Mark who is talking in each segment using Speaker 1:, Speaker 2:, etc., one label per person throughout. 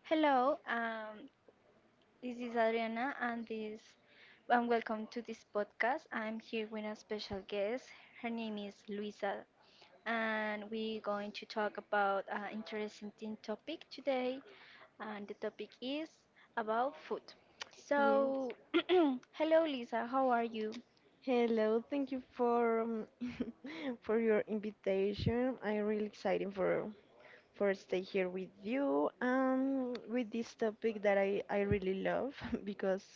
Speaker 1: Hello, um, this is Adriana, and welcome to this podcast. I'm here with a special guest. Her name is Luisa, and we're going to talk about an interesting topic today. And the topic is about food. So,
Speaker 2: Yes.
Speaker 1: hello, Lisa. How are you?
Speaker 2: Hello, thank you for for your invitation. I'm really excited for stay here with you with this topic that I really love because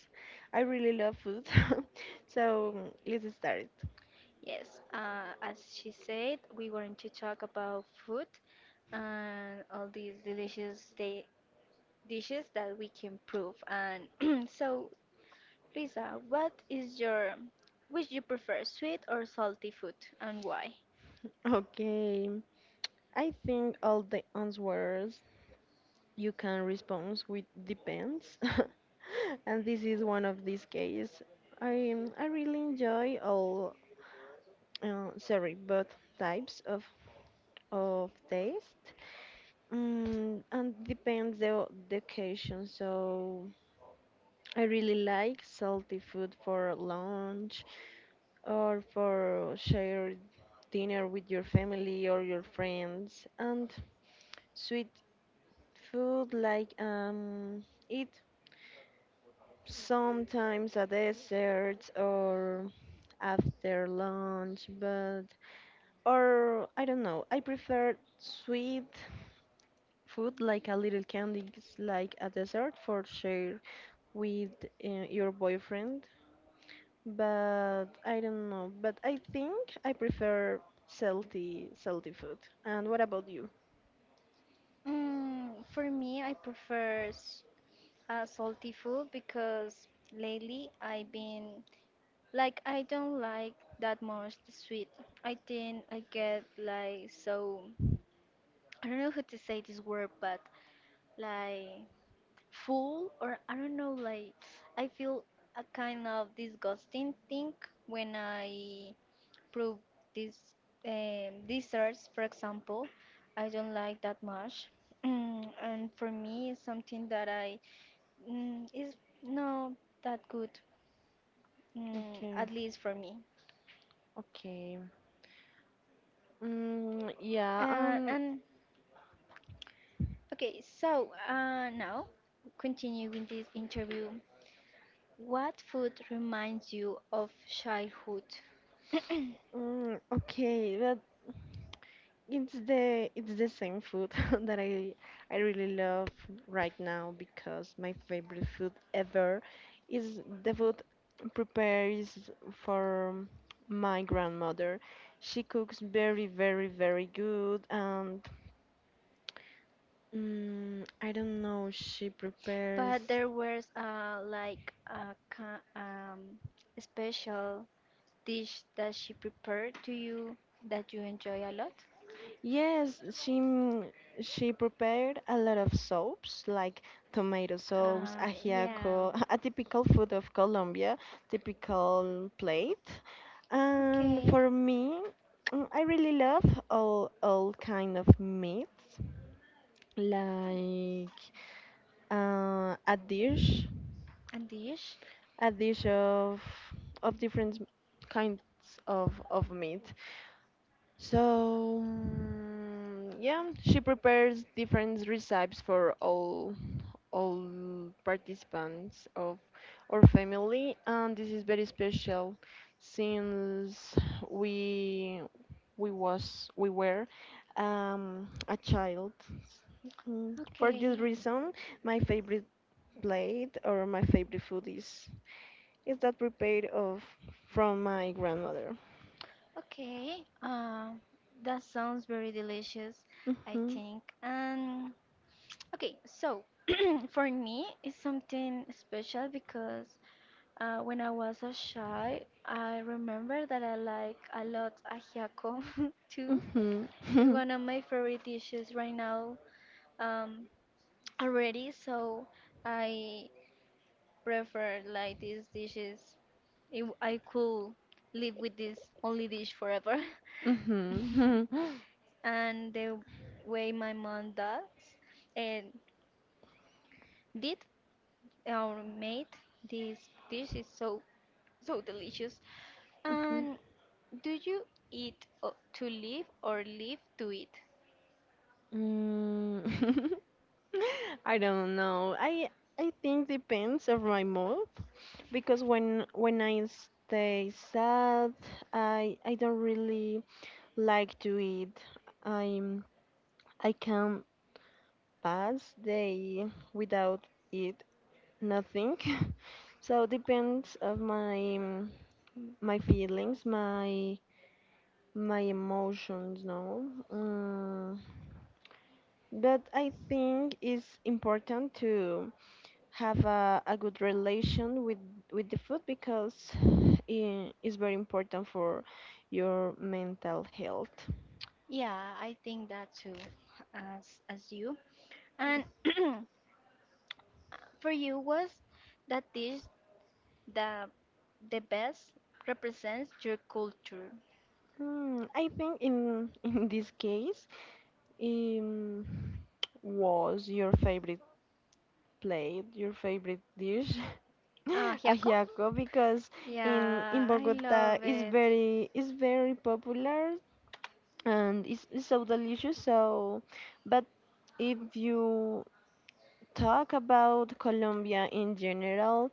Speaker 2: I really love food. So let's start.
Speaker 1: Yes, as she said, we're going to talk about food and all these dishes that we can prove. And so, Lisa, which you prefer, sweet or salty food, and why?
Speaker 2: Okay. I think all the answers you can respond with depends. And this is one of these cases. I really enjoy all sorry, both types of taste, and depends the the occasion. So I really like salty food for lunch or for shared dinner with your family or your friends, and sweet food like eat sometimes a dessert or after lunch, but or I don't know. I prefer sweet food, like a little candy, it's like a dessert for share with your boyfriend. But I don't know. But I think I prefer salty food. And what about you?
Speaker 1: Mm, for me, I prefer salty food because lately I've been like I don't like that much the sweet. I think I get like so I don't know how to say this word, but like full or I don't know like I feel a kind of disgusting thing when I prove this desserts, for example. I don't like that much. Mm, and for me it's something that I is not that good, mm,
Speaker 2: Okay,
Speaker 1: at least for me.
Speaker 2: okay. Mm, yeah.
Speaker 1: uh, and okay, so now continue with this interview. What food reminds you of childhood?
Speaker 2: Mm, okay. But it's the same food that I really love right now because my favorite food ever is the food prepared for my grandmother. She cooks very, very, very good and I don't know, she prepares.
Speaker 1: But there was like a special dish that she prepared to you that you enjoy a lot.
Speaker 2: Yes, she prepared a lot of soaps like tomato sauce,
Speaker 1: Yeah.
Speaker 2: ajiaco, a typical food of Colombia, typical plate. And
Speaker 1: Okay.
Speaker 2: for me, I really love all kind of meats, like uh, a dish,
Speaker 1: And dish.
Speaker 2: a dish of different kinds of meat. So, mm, yeah, she prepares different recipes for all participants of our family, and this is very special since we we were a child. Mm. For
Speaker 1: Okay.
Speaker 2: this reason, my favorite plate or my favorite food is that prepared of from my grandmother.
Speaker 1: Okay. That sounds very delicious, I
Speaker 2: Hmm.
Speaker 1: think. Um, okay, so for me, it's something special because uh, when I was a child, I remember that I like a lot ajiaco too.
Speaker 2: Hmm.
Speaker 1: It's one of my favorite dishes right now, um, already, so I prefer like these dishes. If I could live with this only dish forever.
Speaker 2: Mhm.
Speaker 1: And the way my mom does, and did our mate this dish is so so delicious.
Speaker 2: Mhm.
Speaker 1: And do you eat to live or live to eat?
Speaker 2: Mm. I don't know. I think depends of my mood because when I stay sad, I don't really like to eat. I'm I can pass day without eat nothing. So depends of my feelings, my emotions, no. Mm. But I think it's important to have a good relation with the food because it is very important for your mental health.
Speaker 1: Yeah, I think that too, as you. And for you, was that dish the the best represents your culture?
Speaker 2: Mm, I think in in this case, um, was your favorite plate, your favorite dish,
Speaker 1: Ah, Hyako?
Speaker 2: ajiaco, because in
Speaker 1: Yeah, I
Speaker 2: Bogota
Speaker 1: love
Speaker 2: is
Speaker 1: it.
Speaker 2: very is very popular and it's so delicious so but if you talk about colombia in general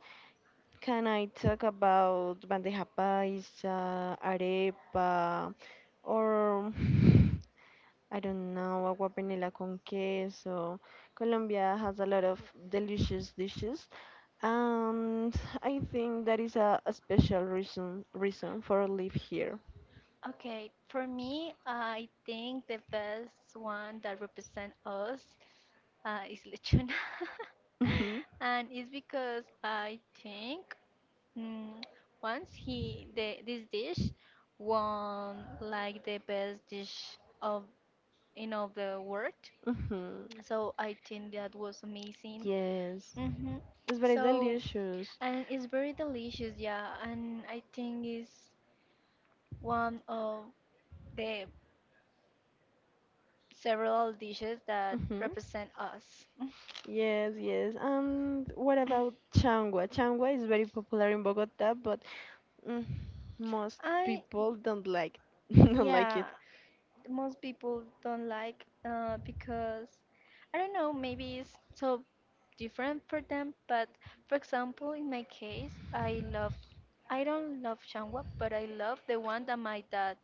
Speaker 2: can I talk about bandeja paisa arepa or I don't know agua panela con queso colombia has a lot of delicious dishes and I think that is a special reason for live here.
Speaker 1: Okay, for me, I think the best one that represent us, is lechona,
Speaker 2: Hmm.
Speaker 1: and it's because I think, mm, once he the this dish won like the best dish of in all the world, so I think that was amazing.
Speaker 2: Yes.
Speaker 1: Hmm.
Speaker 2: It's very
Speaker 1: So
Speaker 2: delicious.
Speaker 1: and it's very delicious, yeah, and I think it's one of the several dishes that
Speaker 2: Hmm.
Speaker 1: represent us.
Speaker 2: Yes, yes. And what about changua? Changua is very popular in Bogota, but mm, most
Speaker 1: I,
Speaker 2: people don't like don't like
Speaker 1: yeah,
Speaker 2: it.
Speaker 1: most people don't like, because I don't know, maybe it's so different for them. But for example, in my case, I love, I don't love changwa, but I love the one that my dad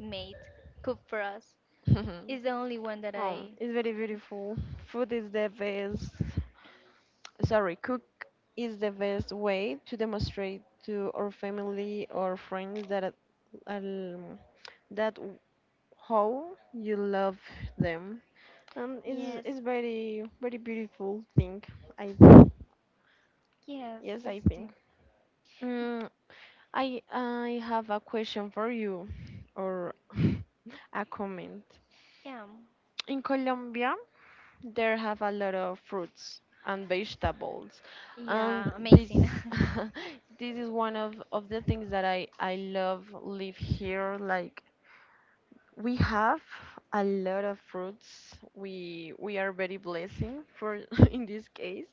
Speaker 1: made, cooked for us. It's the only one that
Speaker 2: Oh,
Speaker 1: I,
Speaker 2: it's very beautiful. Food is the best. Sorry, cook is the best way to demonstrate to our family or friends um, that w- how you love them. It's
Speaker 1: yes,
Speaker 2: it's very very beautiful thing. I
Speaker 1: yes,
Speaker 2: Yes,
Speaker 1: it's
Speaker 2: I
Speaker 1: the,
Speaker 2: think. Mm, I have a question for you, or a comment.
Speaker 1: yeah,
Speaker 2: In Colombia, there have a lot of fruits and vegetables, and
Speaker 1: yeah,
Speaker 2: this
Speaker 1: amazing.
Speaker 2: this is one of the things that I love live here. Like we have a lot of fruits. We are very blessing for in this case,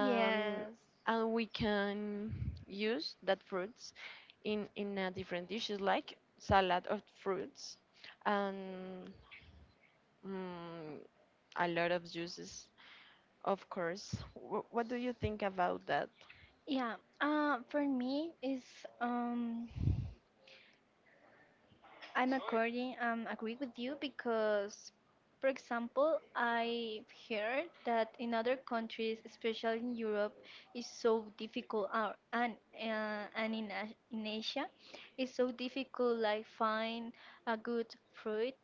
Speaker 1: Yes.
Speaker 2: and we can use that fruits in a different dishes like salad of fruits and mm, a lot of juices of course. What do you think about that?
Speaker 1: Yeah, for me is, um, I'm according agree with you, because for example, I heard that in other countries, especially in Europe, is so difficult, and in Asia, it's so difficult like find a good fruit,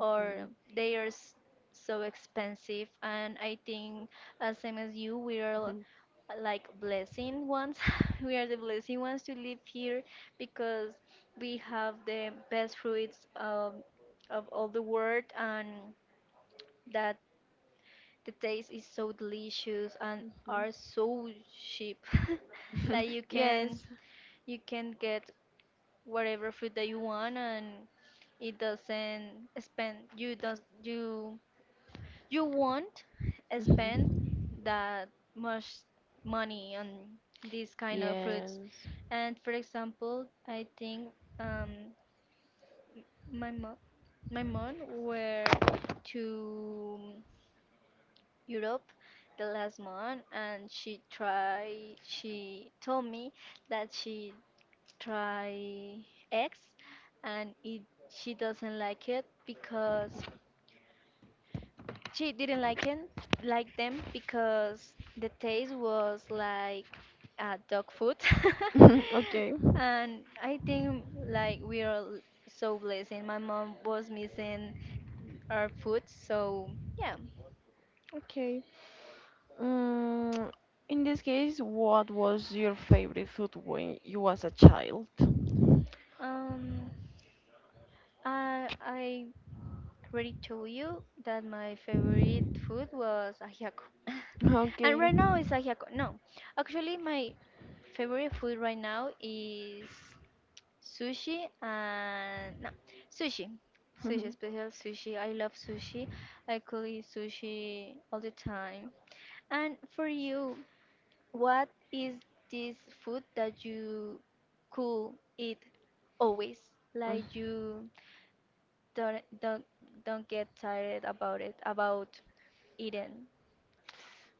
Speaker 1: or they are so expensive. And I think, as same as you, we are
Speaker 2: mhm,
Speaker 1: like blessing ones. We are the blessing ones to live here because we have the best fruits, of all the world, and that the taste is so delicious and are so cheap
Speaker 2: mhm.
Speaker 1: that
Speaker 2: Yes.
Speaker 1: you can get whatever food that you want and it doesn't spend you don't you you won't spend
Speaker 2: Mhm,
Speaker 1: that much money on these kind of fruits.
Speaker 2: yes.
Speaker 1: And for example, I think, um, my mom, my mom were to Europe the last month, and she tried. She told me that she tried eggs, and it she doesn't like it because she didn't like him, like them, because the taste was like, dog food.
Speaker 2: Okay,
Speaker 1: And I think like we are so blessed and my mom was missing our food, so yeah.
Speaker 2: okay. Mm, in this case, what was your favorite food when you was a child?
Speaker 1: Um, I already told you that my favorite food was ajiaco. And
Speaker 2: Okay.
Speaker 1: right now it's ajiaco. No. Actually my favorite food right now is sushi, and no, sushi. Sushi,
Speaker 2: Mm,
Speaker 1: special sushi. I love sushi. I could eat sushi all the time. And for you, what is this food that you could eat always? Like you don't don't don't get tired about it, about eating.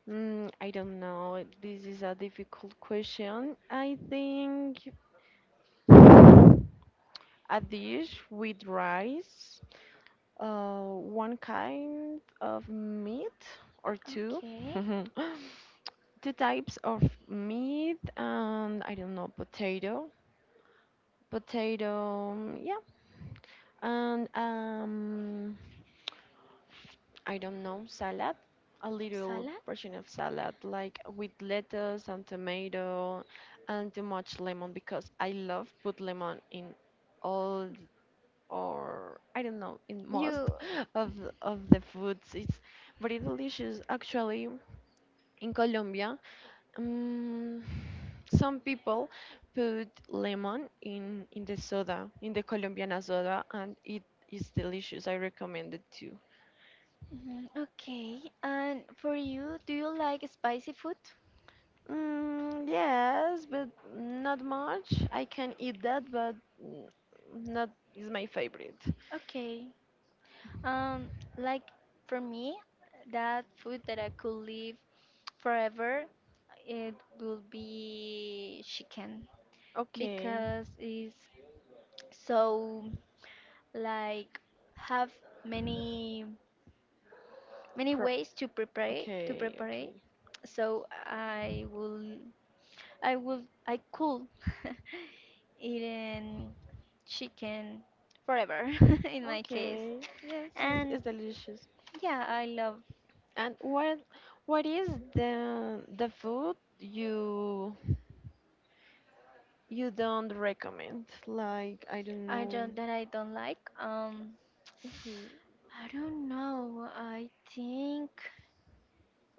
Speaker 2: Mm, I don't know. This is a difficult question. I think a dish with rice, one kind of meat or two,
Speaker 1: Okay.
Speaker 2: two types of meat, and I don't know, potato. Potato, mm, yeah, and I don't know, salad, a little
Speaker 1: Salad?
Speaker 2: portion of salad, like with lettuce and tomato, and too much lemon because I love put lemon in all th- or I don't know in most
Speaker 1: You,
Speaker 2: of the foods. It's very delicious actually. In Colombia, um, some people put lemon in the soda, in the Colombiana soda, and it is delicious. I recommend it too.
Speaker 1: mm, okay? And for you, do you like spicy food?
Speaker 2: Mm, yes, but not much. I can eat that, but mm, not is my favorite.
Speaker 1: Okay. Um, like for me, that food that I could live forever, it will be chicken
Speaker 2: Okay.
Speaker 1: because it's so like have many many
Speaker 2: Pro
Speaker 1: ways to prepare it, to
Speaker 2: Okay,
Speaker 1: prepare it.
Speaker 2: okay.
Speaker 1: So I will I will I could eating chicken forever in my case.
Speaker 2: Okay. Yes, it's,
Speaker 1: And
Speaker 2: it's delicious.
Speaker 1: yeah, I love
Speaker 2: And what is the food you don't recommend? Like, I don't
Speaker 1: I
Speaker 2: know.
Speaker 1: don't that I don't like.
Speaker 2: Mhm.
Speaker 1: I don't know. I think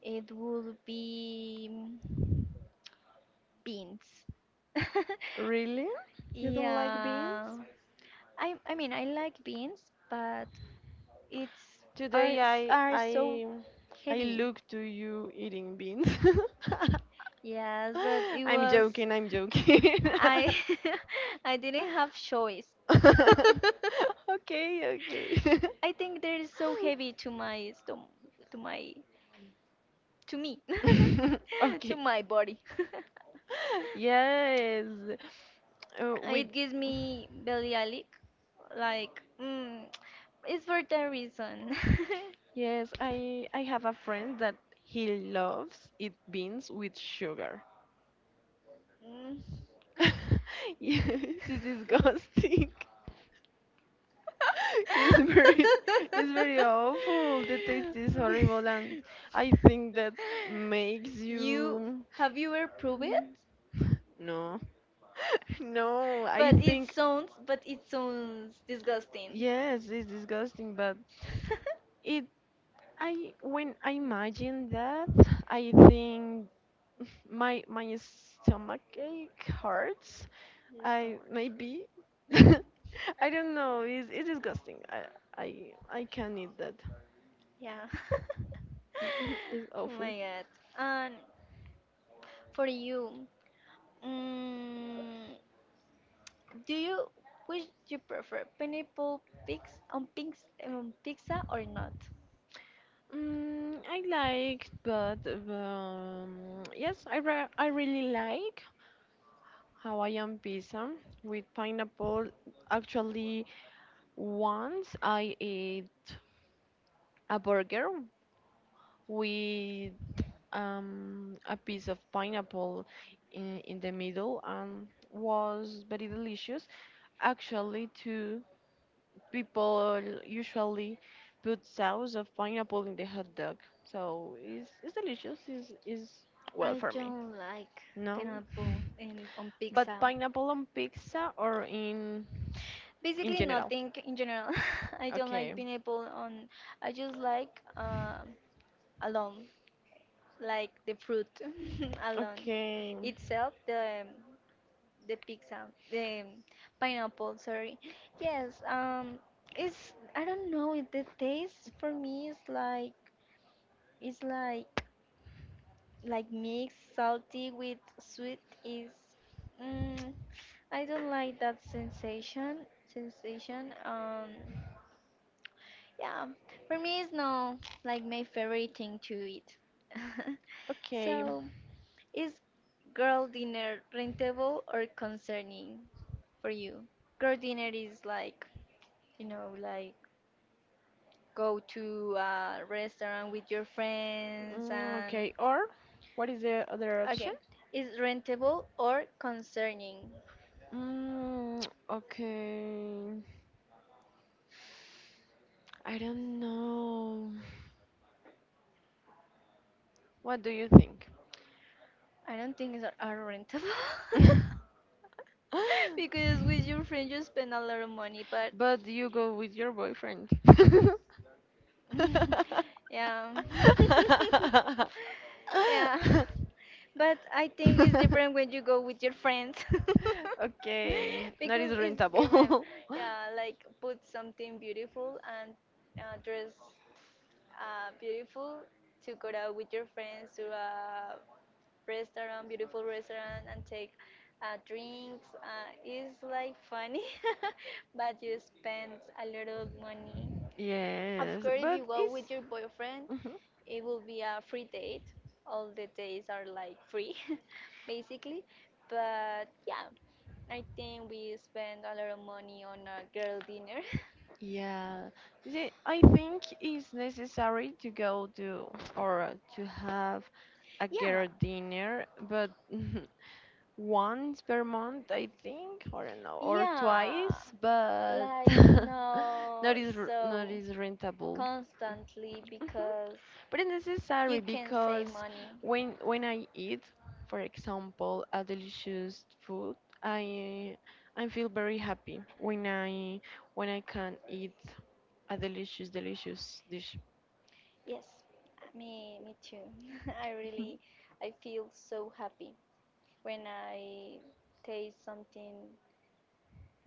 Speaker 1: it would be beans.
Speaker 2: Really? You don't like
Speaker 1: Yeah.
Speaker 2: beans?
Speaker 1: I mean I like beans, but it's are
Speaker 2: Today I
Speaker 1: are so
Speaker 2: I I
Speaker 1: heavy.
Speaker 2: look to you eating beans.
Speaker 1: Yes, but it
Speaker 2: I'm
Speaker 1: was
Speaker 2: joking, I'm joking.
Speaker 1: I I didn't have choice.
Speaker 2: Okay, okay.
Speaker 1: I think they're so heavy to my to me,
Speaker 2: Okay.
Speaker 1: to my body.
Speaker 2: Yes. We
Speaker 1: It gives me bellyache, like mm, it's for that reason.
Speaker 2: Yes, I have a friend that he loves eat beans with sugar.
Speaker 1: Mm.
Speaker 2: Yes, it's disgusting. it's very It's very awful. The taste is horrible, and I think that makes
Speaker 1: You
Speaker 2: you
Speaker 1: have you ever proved it?
Speaker 2: no. No, I think.
Speaker 1: But it sounds disgusting.
Speaker 2: Yes, it's disgusting, but it I when I imagine that, I think my stomach ache hurts. I, maybe, I don't know. It's disgusting. I can't eat that.
Speaker 1: Yeah.
Speaker 2: It's
Speaker 1: Oh
Speaker 2: awful.
Speaker 1: my god. And for you, mm, do you which you prefer pineapple pics on pizza or not?
Speaker 2: Mm, I like, but yes, I really like Hawaiian pizza with pineapple. Actually, once I ate a burger with a piece of pineapple in the middle and was very delicious. Actually, too. People usually put sauce of pineapple in the hot dog. So it's delicious. It's well
Speaker 1: I
Speaker 2: for me.
Speaker 1: don't like
Speaker 2: No,
Speaker 1: pineapple in on
Speaker 2: but
Speaker 1: pizza.
Speaker 2: pineapple on pizza or in
Speaker 1: Basically
Speaker 2: general.
Speaker 1: nothing in general. I don't like
Speaker 2: Okay,
Speaker 1: pineapple on. I just like, alone, like the fruit alone
Speaker 2: okay,
Speaker 1: itself. The, the pizza, the, pineapple. Sorry. Yes. Um, it's I don't know. The taste for me is like it's like mixed salty with sweet. Is, mm, I don't like that sensation. Sensation. Um, yeah, for me it's not like my favorite thing to eat.
Speaker 2: okay,
Speaker 1: So, is girl dinner rentable or concerning for you? Girl dinner is like, you know, like go to a restaurant with your friends
Speaker 2: mm,
Speaker 1: and
Speaker 2: okay. Or what is the other option?
Speaker 1: okay, is rentable or concerning?
Speaker 2: Mm, okay, I don't know. What do you think?
Speaker 1: I don't think it's are rentable because with your friends you spend a lot of money, but
Speaker 2: But you go with your boyfriend.
Speaker 1: yeah. Yeah. But I think it's different when you go with your friends.
Speaker 2: Okay, not is
Speaker 1: Because it's different.
Speaker 2: rentable.
Speaker 1: Yeah, like put something beautiful and, dress, beautiful, to go out with your friends to a restaurant, beautiful restaurant, and take, drinks. It's like funny, but you spend a little money of
Speaker 2: Yes,
Speaker 1: course, if
Speaker 2: but
Speaker 1: you go
Speaker 2: it's.
Speaker 1: with your boyfriend, it will be a free date. All the days are like free, basically. But yeah, I think we spend a lot of money on a girl dinner.
Speaker 2: Yeah, I think it's necessary to go to or to have a
Speaker 1: Yeah,
Speaker 2: girl dinner, but once per month, I think, or no, or
Speaker 1: yeah.
Speaker 2: twice, but
Speaker 1: Like, no,
Speaker 2: not
Speaker 1: so
Speaker 2: is rentable.
Speaker 1: constantly
Speaker 2: Mhm.
Speaker 1: because
Speaker 2: But it's necessary
Speaker 1: you can save
Speaker 2: because
Speaker 1: money.
Speaker 2: when I eat, for example, a delicious food, I I feel very happy when I can eat a delicious dish.
Speaker 1: Yes, me too. I really, I feel so happy when I taste something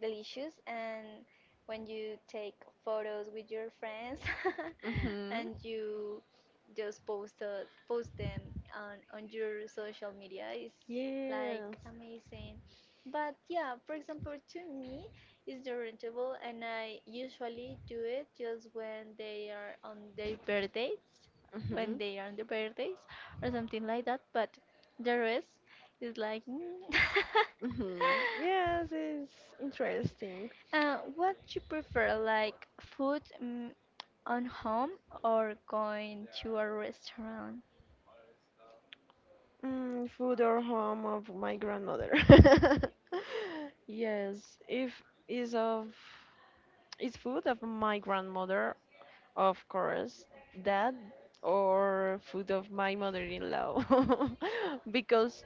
Speaker 1: delicious and when you take photos with your friends
Speaker 2: Mm-hmm.
Speaker 1: and you just post, post them on your social media, it's
Speaker 2: Yes.
Speaker 1: like amazing, but yeah, for example, to me it's the rentable, and I usually do it just when they are on their birthdays,
Speaker 2: Hmm.
Speaker 1: when they are on their birthdays or something like that, but the rest is like mm.
Speaker 2: Hmm. Yes, it's interesting.
Speaker 1: What you prefer, like food, mm, on home or going to a restaurant?
Speaker 2: Mm, food or home of my grandmother. Yes, if is of it's food of my grandmother, of course, that or food of my mother-in-law because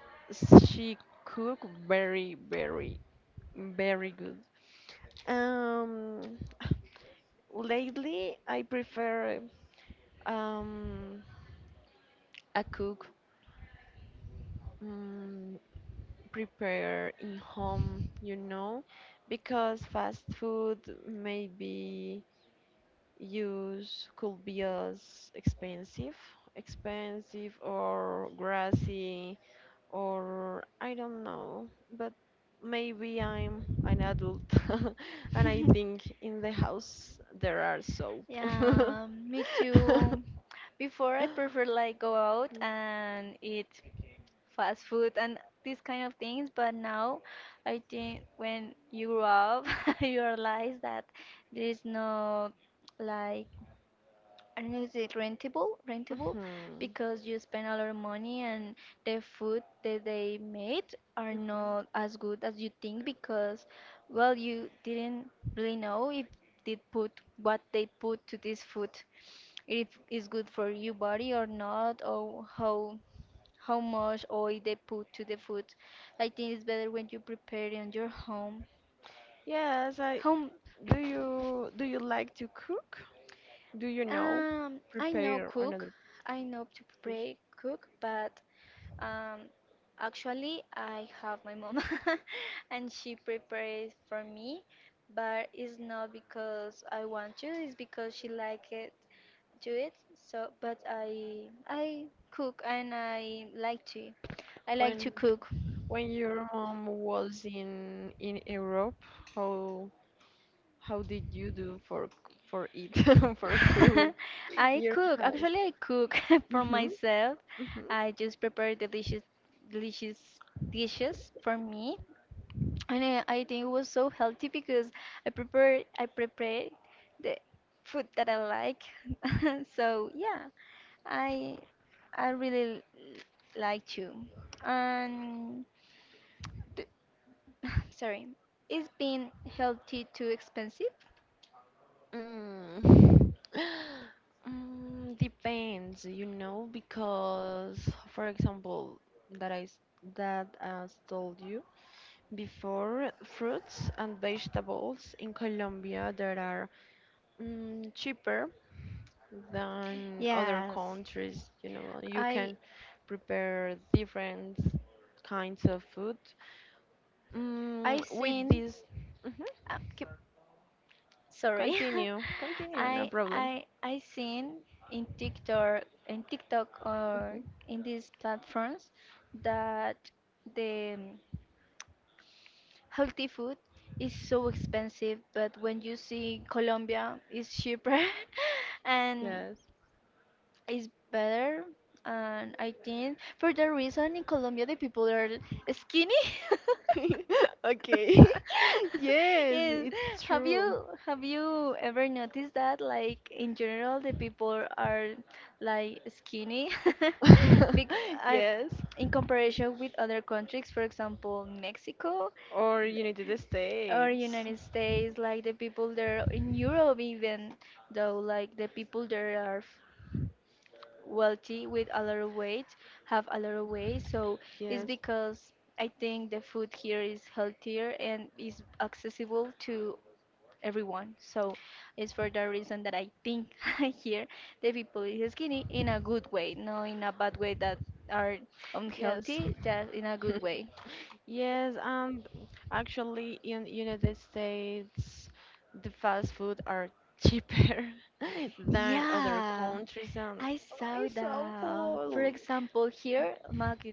Speaker 2: she cook very, very, very good. Um, lately I prefer um a cook um, prepare in home, you know, because fast food maybe use could be as expensive or grassy, or I don't know. But maybe I'm an adult, and I think in the house there are soap.
Speaker 1: Yeah, me too. Before I prefer like go out and eat fast food and these kind of things, but now I think when you grow up, you realize that there is no like I don't know, is it rentable? Rentable,
Speaker 2: Mhm.
Speaker 1: because you spend a lot of money and the food that they made are not
Speaker 2: Mhm.
Speaker 1: as good as you think because, well, you didn't really know if they put what they put to this food, if it's good for your body or not, or how much oil they put to the food. I think it's better when you prepare it on your home,
Speaker 2: Yes, I
Speaker 1: home
Speaker 2: do you like to cook? Do you know?
Speaker 1: I know
Speaker 2: Prepare
Speaker 1: cook.
Speaker 2: another
Speaker 1: I know to
Speaker 2: dish.
Speaker 1: pray cook, but, um, actually I have my mom, and she prepares for me. But it's not because I want to. It's because she like it, do it. So, but I cook and I like to. I like to
Speaker 2: When
Speaker 1: cook.
Speaker 2: when your mom was in Europe, how how did you do for for eat for cook
Speaker 1: I
Speaker 2: your
Speaker 1: cook.
Speaker 2: house?
Speaker 1: Actually, I cook for
Speaker 2: Mm-hmm.
Speaker 1: myself.
Speaker 2: Mm-hmm.
Speaker 1: I just prepare delicious, delicious dishes for me, and I think it was so healthy because I prepare the food that I like. So yeah, I I really like to. And the, sorry, is being healthy too expensive?
Speaker 2: Mm. Mm, depends, because, for example, that I s- that I told you before, fruits and vegetables in Colombia there are cheaper than other
Speaker 1: Yes,
Speaker 2: countries. You know, you
Speaker 1: I
Speaker 2: can prepare different kinds of food. Mm,
Speaker 1: I've
Speaker 2: with
Speaker 1: seen.
Speaker 2: this, Mhm.
Speaker 1: Uh, c- Sorry.
Speaker 2: Continue, continue, no
Speaker 1: I
Speaker 2: problem.
Speaker 1: I I seen in TikTok or
Speaker 2: Mhm.
Speaker 1: in these platforms that the, healthy food is so expensive, but when you see Colombia is cheaper and
Speaker 2: Yes.
Speaker 1: is better. And I think for that reason in Colombia the people are skinny.
Speaker 2: Okay. Yes,
Speaker 1: Yes.
Speaker 2: it's
Speaker 1: Have
Speaker 2: true.
Speaker 1: you have you ever noticed that like in general the people are like skinny? Bec I
Speaker 2: Yes.
Speaker 1: In comparison with other countries, for example, Mexico
Speaker 2: Or United
Speaker 1: or
Speaker 2: States.
Speaker 1: United States, like the people there in Europe, even though like the people there are wealthy with a lot of weight have a lot of weight. So it's
Speaker 2: Yes.
Speaker 1: because I think the food here is healthier and is accessible to everyone. So it's for that reason that I think here the people is skinny in a good way, not in a bad way that are unhealthy, just in a good way.
Speaker 2: Yes, and actually, in United States, the fast food are cheaper than other
Speaker 1: Yeah,
Speaker 2: countries, and
Speaker 1: I
Speaker 2: oh,
Speaker 1: saw
Speaker 2: it's
Speaker 1: that. For
Speaker 2: awful.
Speaker 1: example, here, Mac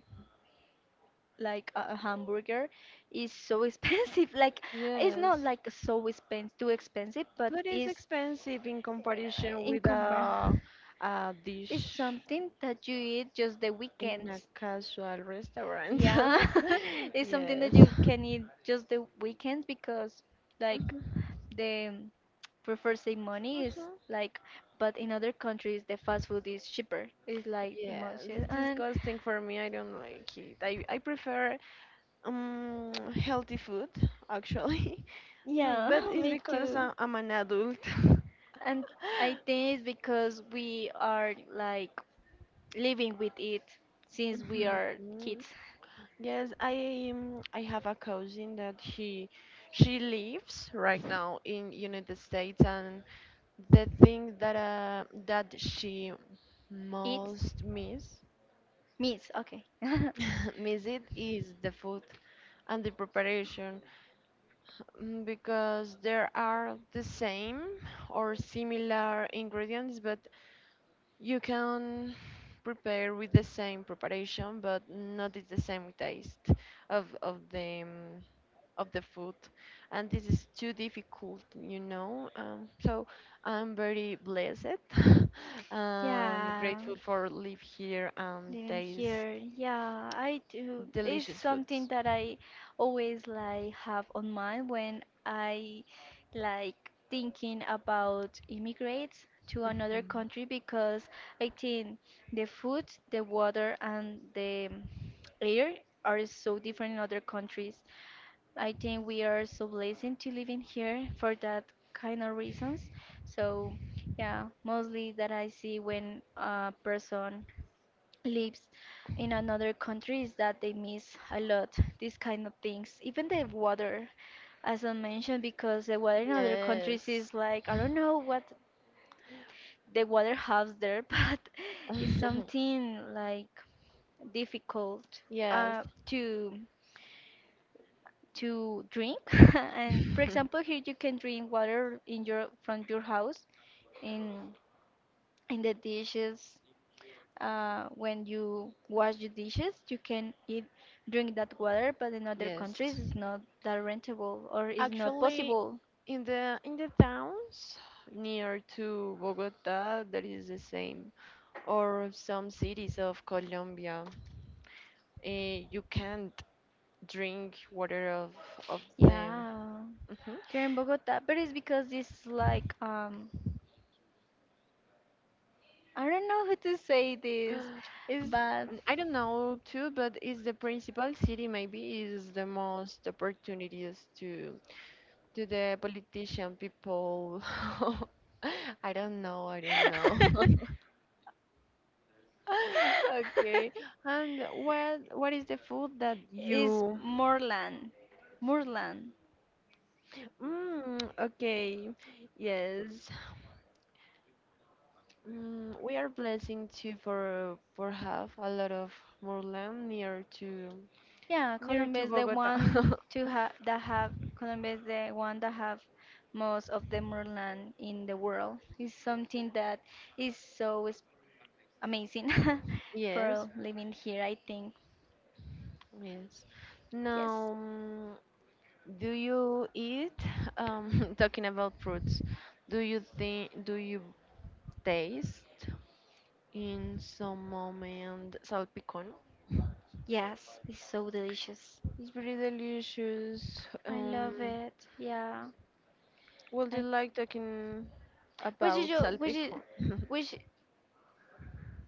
Speaker 1: like a hamburger is so expensive. Like it's not
Speaker 2: Yes,
Speaker 1: like so expensive, too expensive, but
Speaker 2: but it's
Speaker 1: it's
Speaker 2: expensive in comparison with a,
Speaker 1: incomparable.
Speaker 2: a
Speaker 1: It's
Speaker 2: dish
Speaker 1: something that you eat just the
Speaker 2: in a
Speaker 1: weekends.
Speaker 2: casual restaurant.
Speaker 1: Yeah, it's something
Speaker 2: Yes.
Speaker 1: that you can eat just the weekends because like
Speaker 2: Mhm.
Speaker 1: the prefer save money is
Speaker 2: uh
Speaker 1: like, but in other countries the fast food is cheaper. It's like the
Speaker 2: Yeah,
Speaker 1: most,
Speaker 2: this is
Speaker 1: and
Speaker 2: disgusting for me. I don't like it. I prefer um healthy food, actually. Mm,
Speaker 1: yeah,
Speaker 2: but it's
Speaker 1: me
Speaker 2: because
Speaker 1: too.
Speaker 2: I'm an adult.
Speaker 1: And I think it's because we are like living with it since we are
Speaker 2: Mhm.
Speaker 1: kids.
Speaker 2: Yes, I have a cousin that she lives right now in United States, and the thing that she
Speaker 1: It
Speaker 2: most miss
Speaker 1: means okay.
Speaker 2: miss it is the food. And the preparation, because there are the same or similar ingredients, but you can prepare with the same preparation, but not it's the same taste of of the mm, of the food, and this is too difficult, you know. So I'm very blessed and
Speaker 1: Yeah.
Speaker 2: grateful for live here and
Speaker 1: Living
Speaker 2: taste
Speaker 1: here, yeah, I do. It's
Speaker 2: delicious
Speaker 1: something
Speaker 2: foods.
Speaker 1: that I always like have on mind when I like thinking about immigrate to another
Speaker 2: Mhm.
Speaker 1: country, because I think the food, the water, and the air are so different in other countries. I think we are so blessed to live in here for that kind of reasons. So, yeah, mostly that I see when a person lives in another country is that they miss a lot these kind of things, even the water, as I mentioned, because the water in other countries
Speaker 2: Yes.
Speaker 1: is like I don't know what the water has there, but it's something like difficult
Speaker 2: Yes.
Speaker 1: to drink. And for example here you can drink water in your from your house, in in the dishes, when you wash the dishes, you can drink that water, but in other
Speaker 2: Yes.
Speaker 1: countries it's not that rentable, or it's not
Speaker 2: Actually,
Speaker 1: possible.
Speaker 2: in the towns near to Bogota, that is the same, or some cities of Colombia. You can't drink water of them.
Speaker 1: Yeah,
Speaker 2: Mhm.
Speaker 1: here in Bogota, but it's because it's like I don't know how to say this,
Speaker 2: Is
Speaker 1: but
Speaker 2: I don't know too, but is the principal city maybe is the most opportunities to the politician people. I don't know, I don't know. Okay. And what is the food that
Speaker 1: it's
Speaker 2: you.
Speaker 1: moorland, moorland.
Speaker 2: Mm, okay. Yes. Mm, we are blessing too for have a lot of more land near to
Speaker 1: Yeah,
Speaker 2: near
Speaker 1: Colombia
Speaker 2: to
Speaker 1: is the
Speaker 2: Bogota.
Speaker 1: one to have that have Colombia is the one that have most of the moorland in the world. It's something that is so is amazing
Speaker 2: Yes,
Speaker 1: for living here, I think.
Speaker 2: yes.
Speaker 1: Yes,
Speaker 2: Now, do you eat, talking about fruits, do you think, do you taste in some moment salpicón?
Speaker 1: yes, it's so delicious.
Speaker 2: It's very delicious.
Speaker 1: I love
Speaker 2: Um,
Speaker 1: it. Yeah.
Speaker 2: would you
Speaker 1: I
Speaker 2: like talking
Speaker 1: which is
Speaker 2: about
Speaker 1: your which is
Speaker 2: salpicón?
Speaker 1: which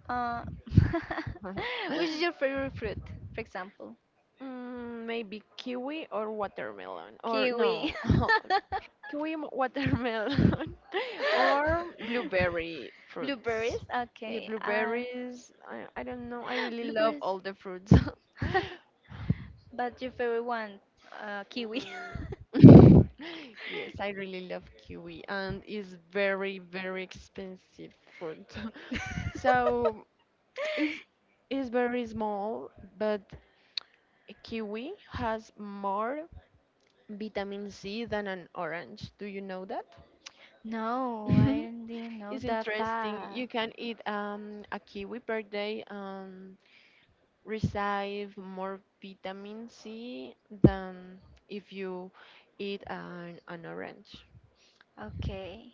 Speaker 1: uh which is your favorite fruit, for example?
Speaker 2: Mm, maybe kiwi or watermelon, or
Speaker 1: Kiwi.
Speaker 2: no, kiwi, watermelon, or blueberry fruits.
Speaker 1: Blueberries?
Speaker 2: Yeah,
Speaker 1: Okay.
Speaker 2: blueberries. I don't know. I really love
Speaker 1: Blueberries.
Speaker 2: all the fruits.
Speaker 1: But your favorite one, kiwi.
Speaker 2: Mm. Yes, I really love kiwi, and it's very, very expensive fruit. So it's it's very small, but a kiwi has more vitamin C than an orange. Do you know that?
Speaker 1: No, I didn't know
Speaker 2: It's
Speaker 1: that
Speaker 2: interesting. You
Speaker 1: far.
Speaker 2: can eat a kiwi per day and receive more vitamin C than if you eat an orange.
Speaker 1: Okay.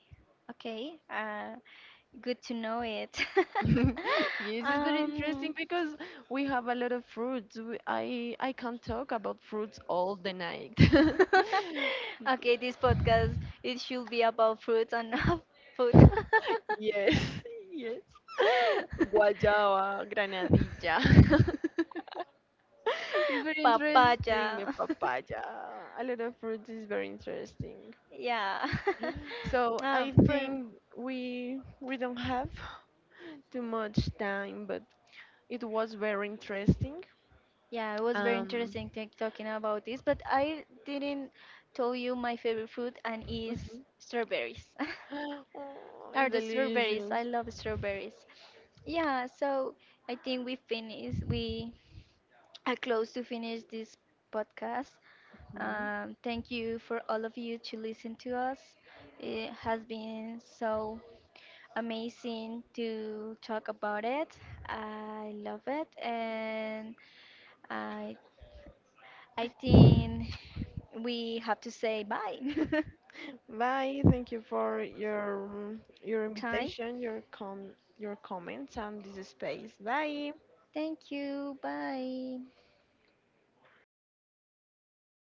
Speaker 1: Okay. Good to know it.
Speaker 2: Yes, it's very interesting
Speaker 1: Um,
Speaker 2: because we have a lot of fruits. I can talk about fruits all the night.
Speaker 1: okay, this podcast, it should be about fruits and not food.
Speaker 2: Yes, yes. Guayaba, granadilla. It's very interesting, the
Speaker 1: Papaya.
Speaker 2: papaya. A lot of fruit is very interesting.
Speaker 1: Yeah.
Speaker 2: So I
Speaker 1: For
Speaker 2: think we don't have too much time, but it was very interesting.
Speaker 1: Yeah, it was very
Speaker 2: Um,
Speaker 1: interesting talking about this, but I didn't tell you my favorite fruit, and is strawberries.
Speaker 2: oh,
Speaker 1: Are
Speaker 2: it's
Speaker 1: the strawberries? I
Speaker 2: delicious.
Speaker 1: love strawberries. Yeah, so I think we finish. We are close to finish this podcast.
Speaker 2: Mhm.
Speaker 1: Thank you for all of you to listen to us. It has been so amazing to talk about it. I love it, and I I think we have to say bye.
Speaker 2: Bye. Thank you for your
Speaker 1: Time.
Speaker 2: invitation, your comments, and this space. Bye.
Speaker 1: Thank you. Bye.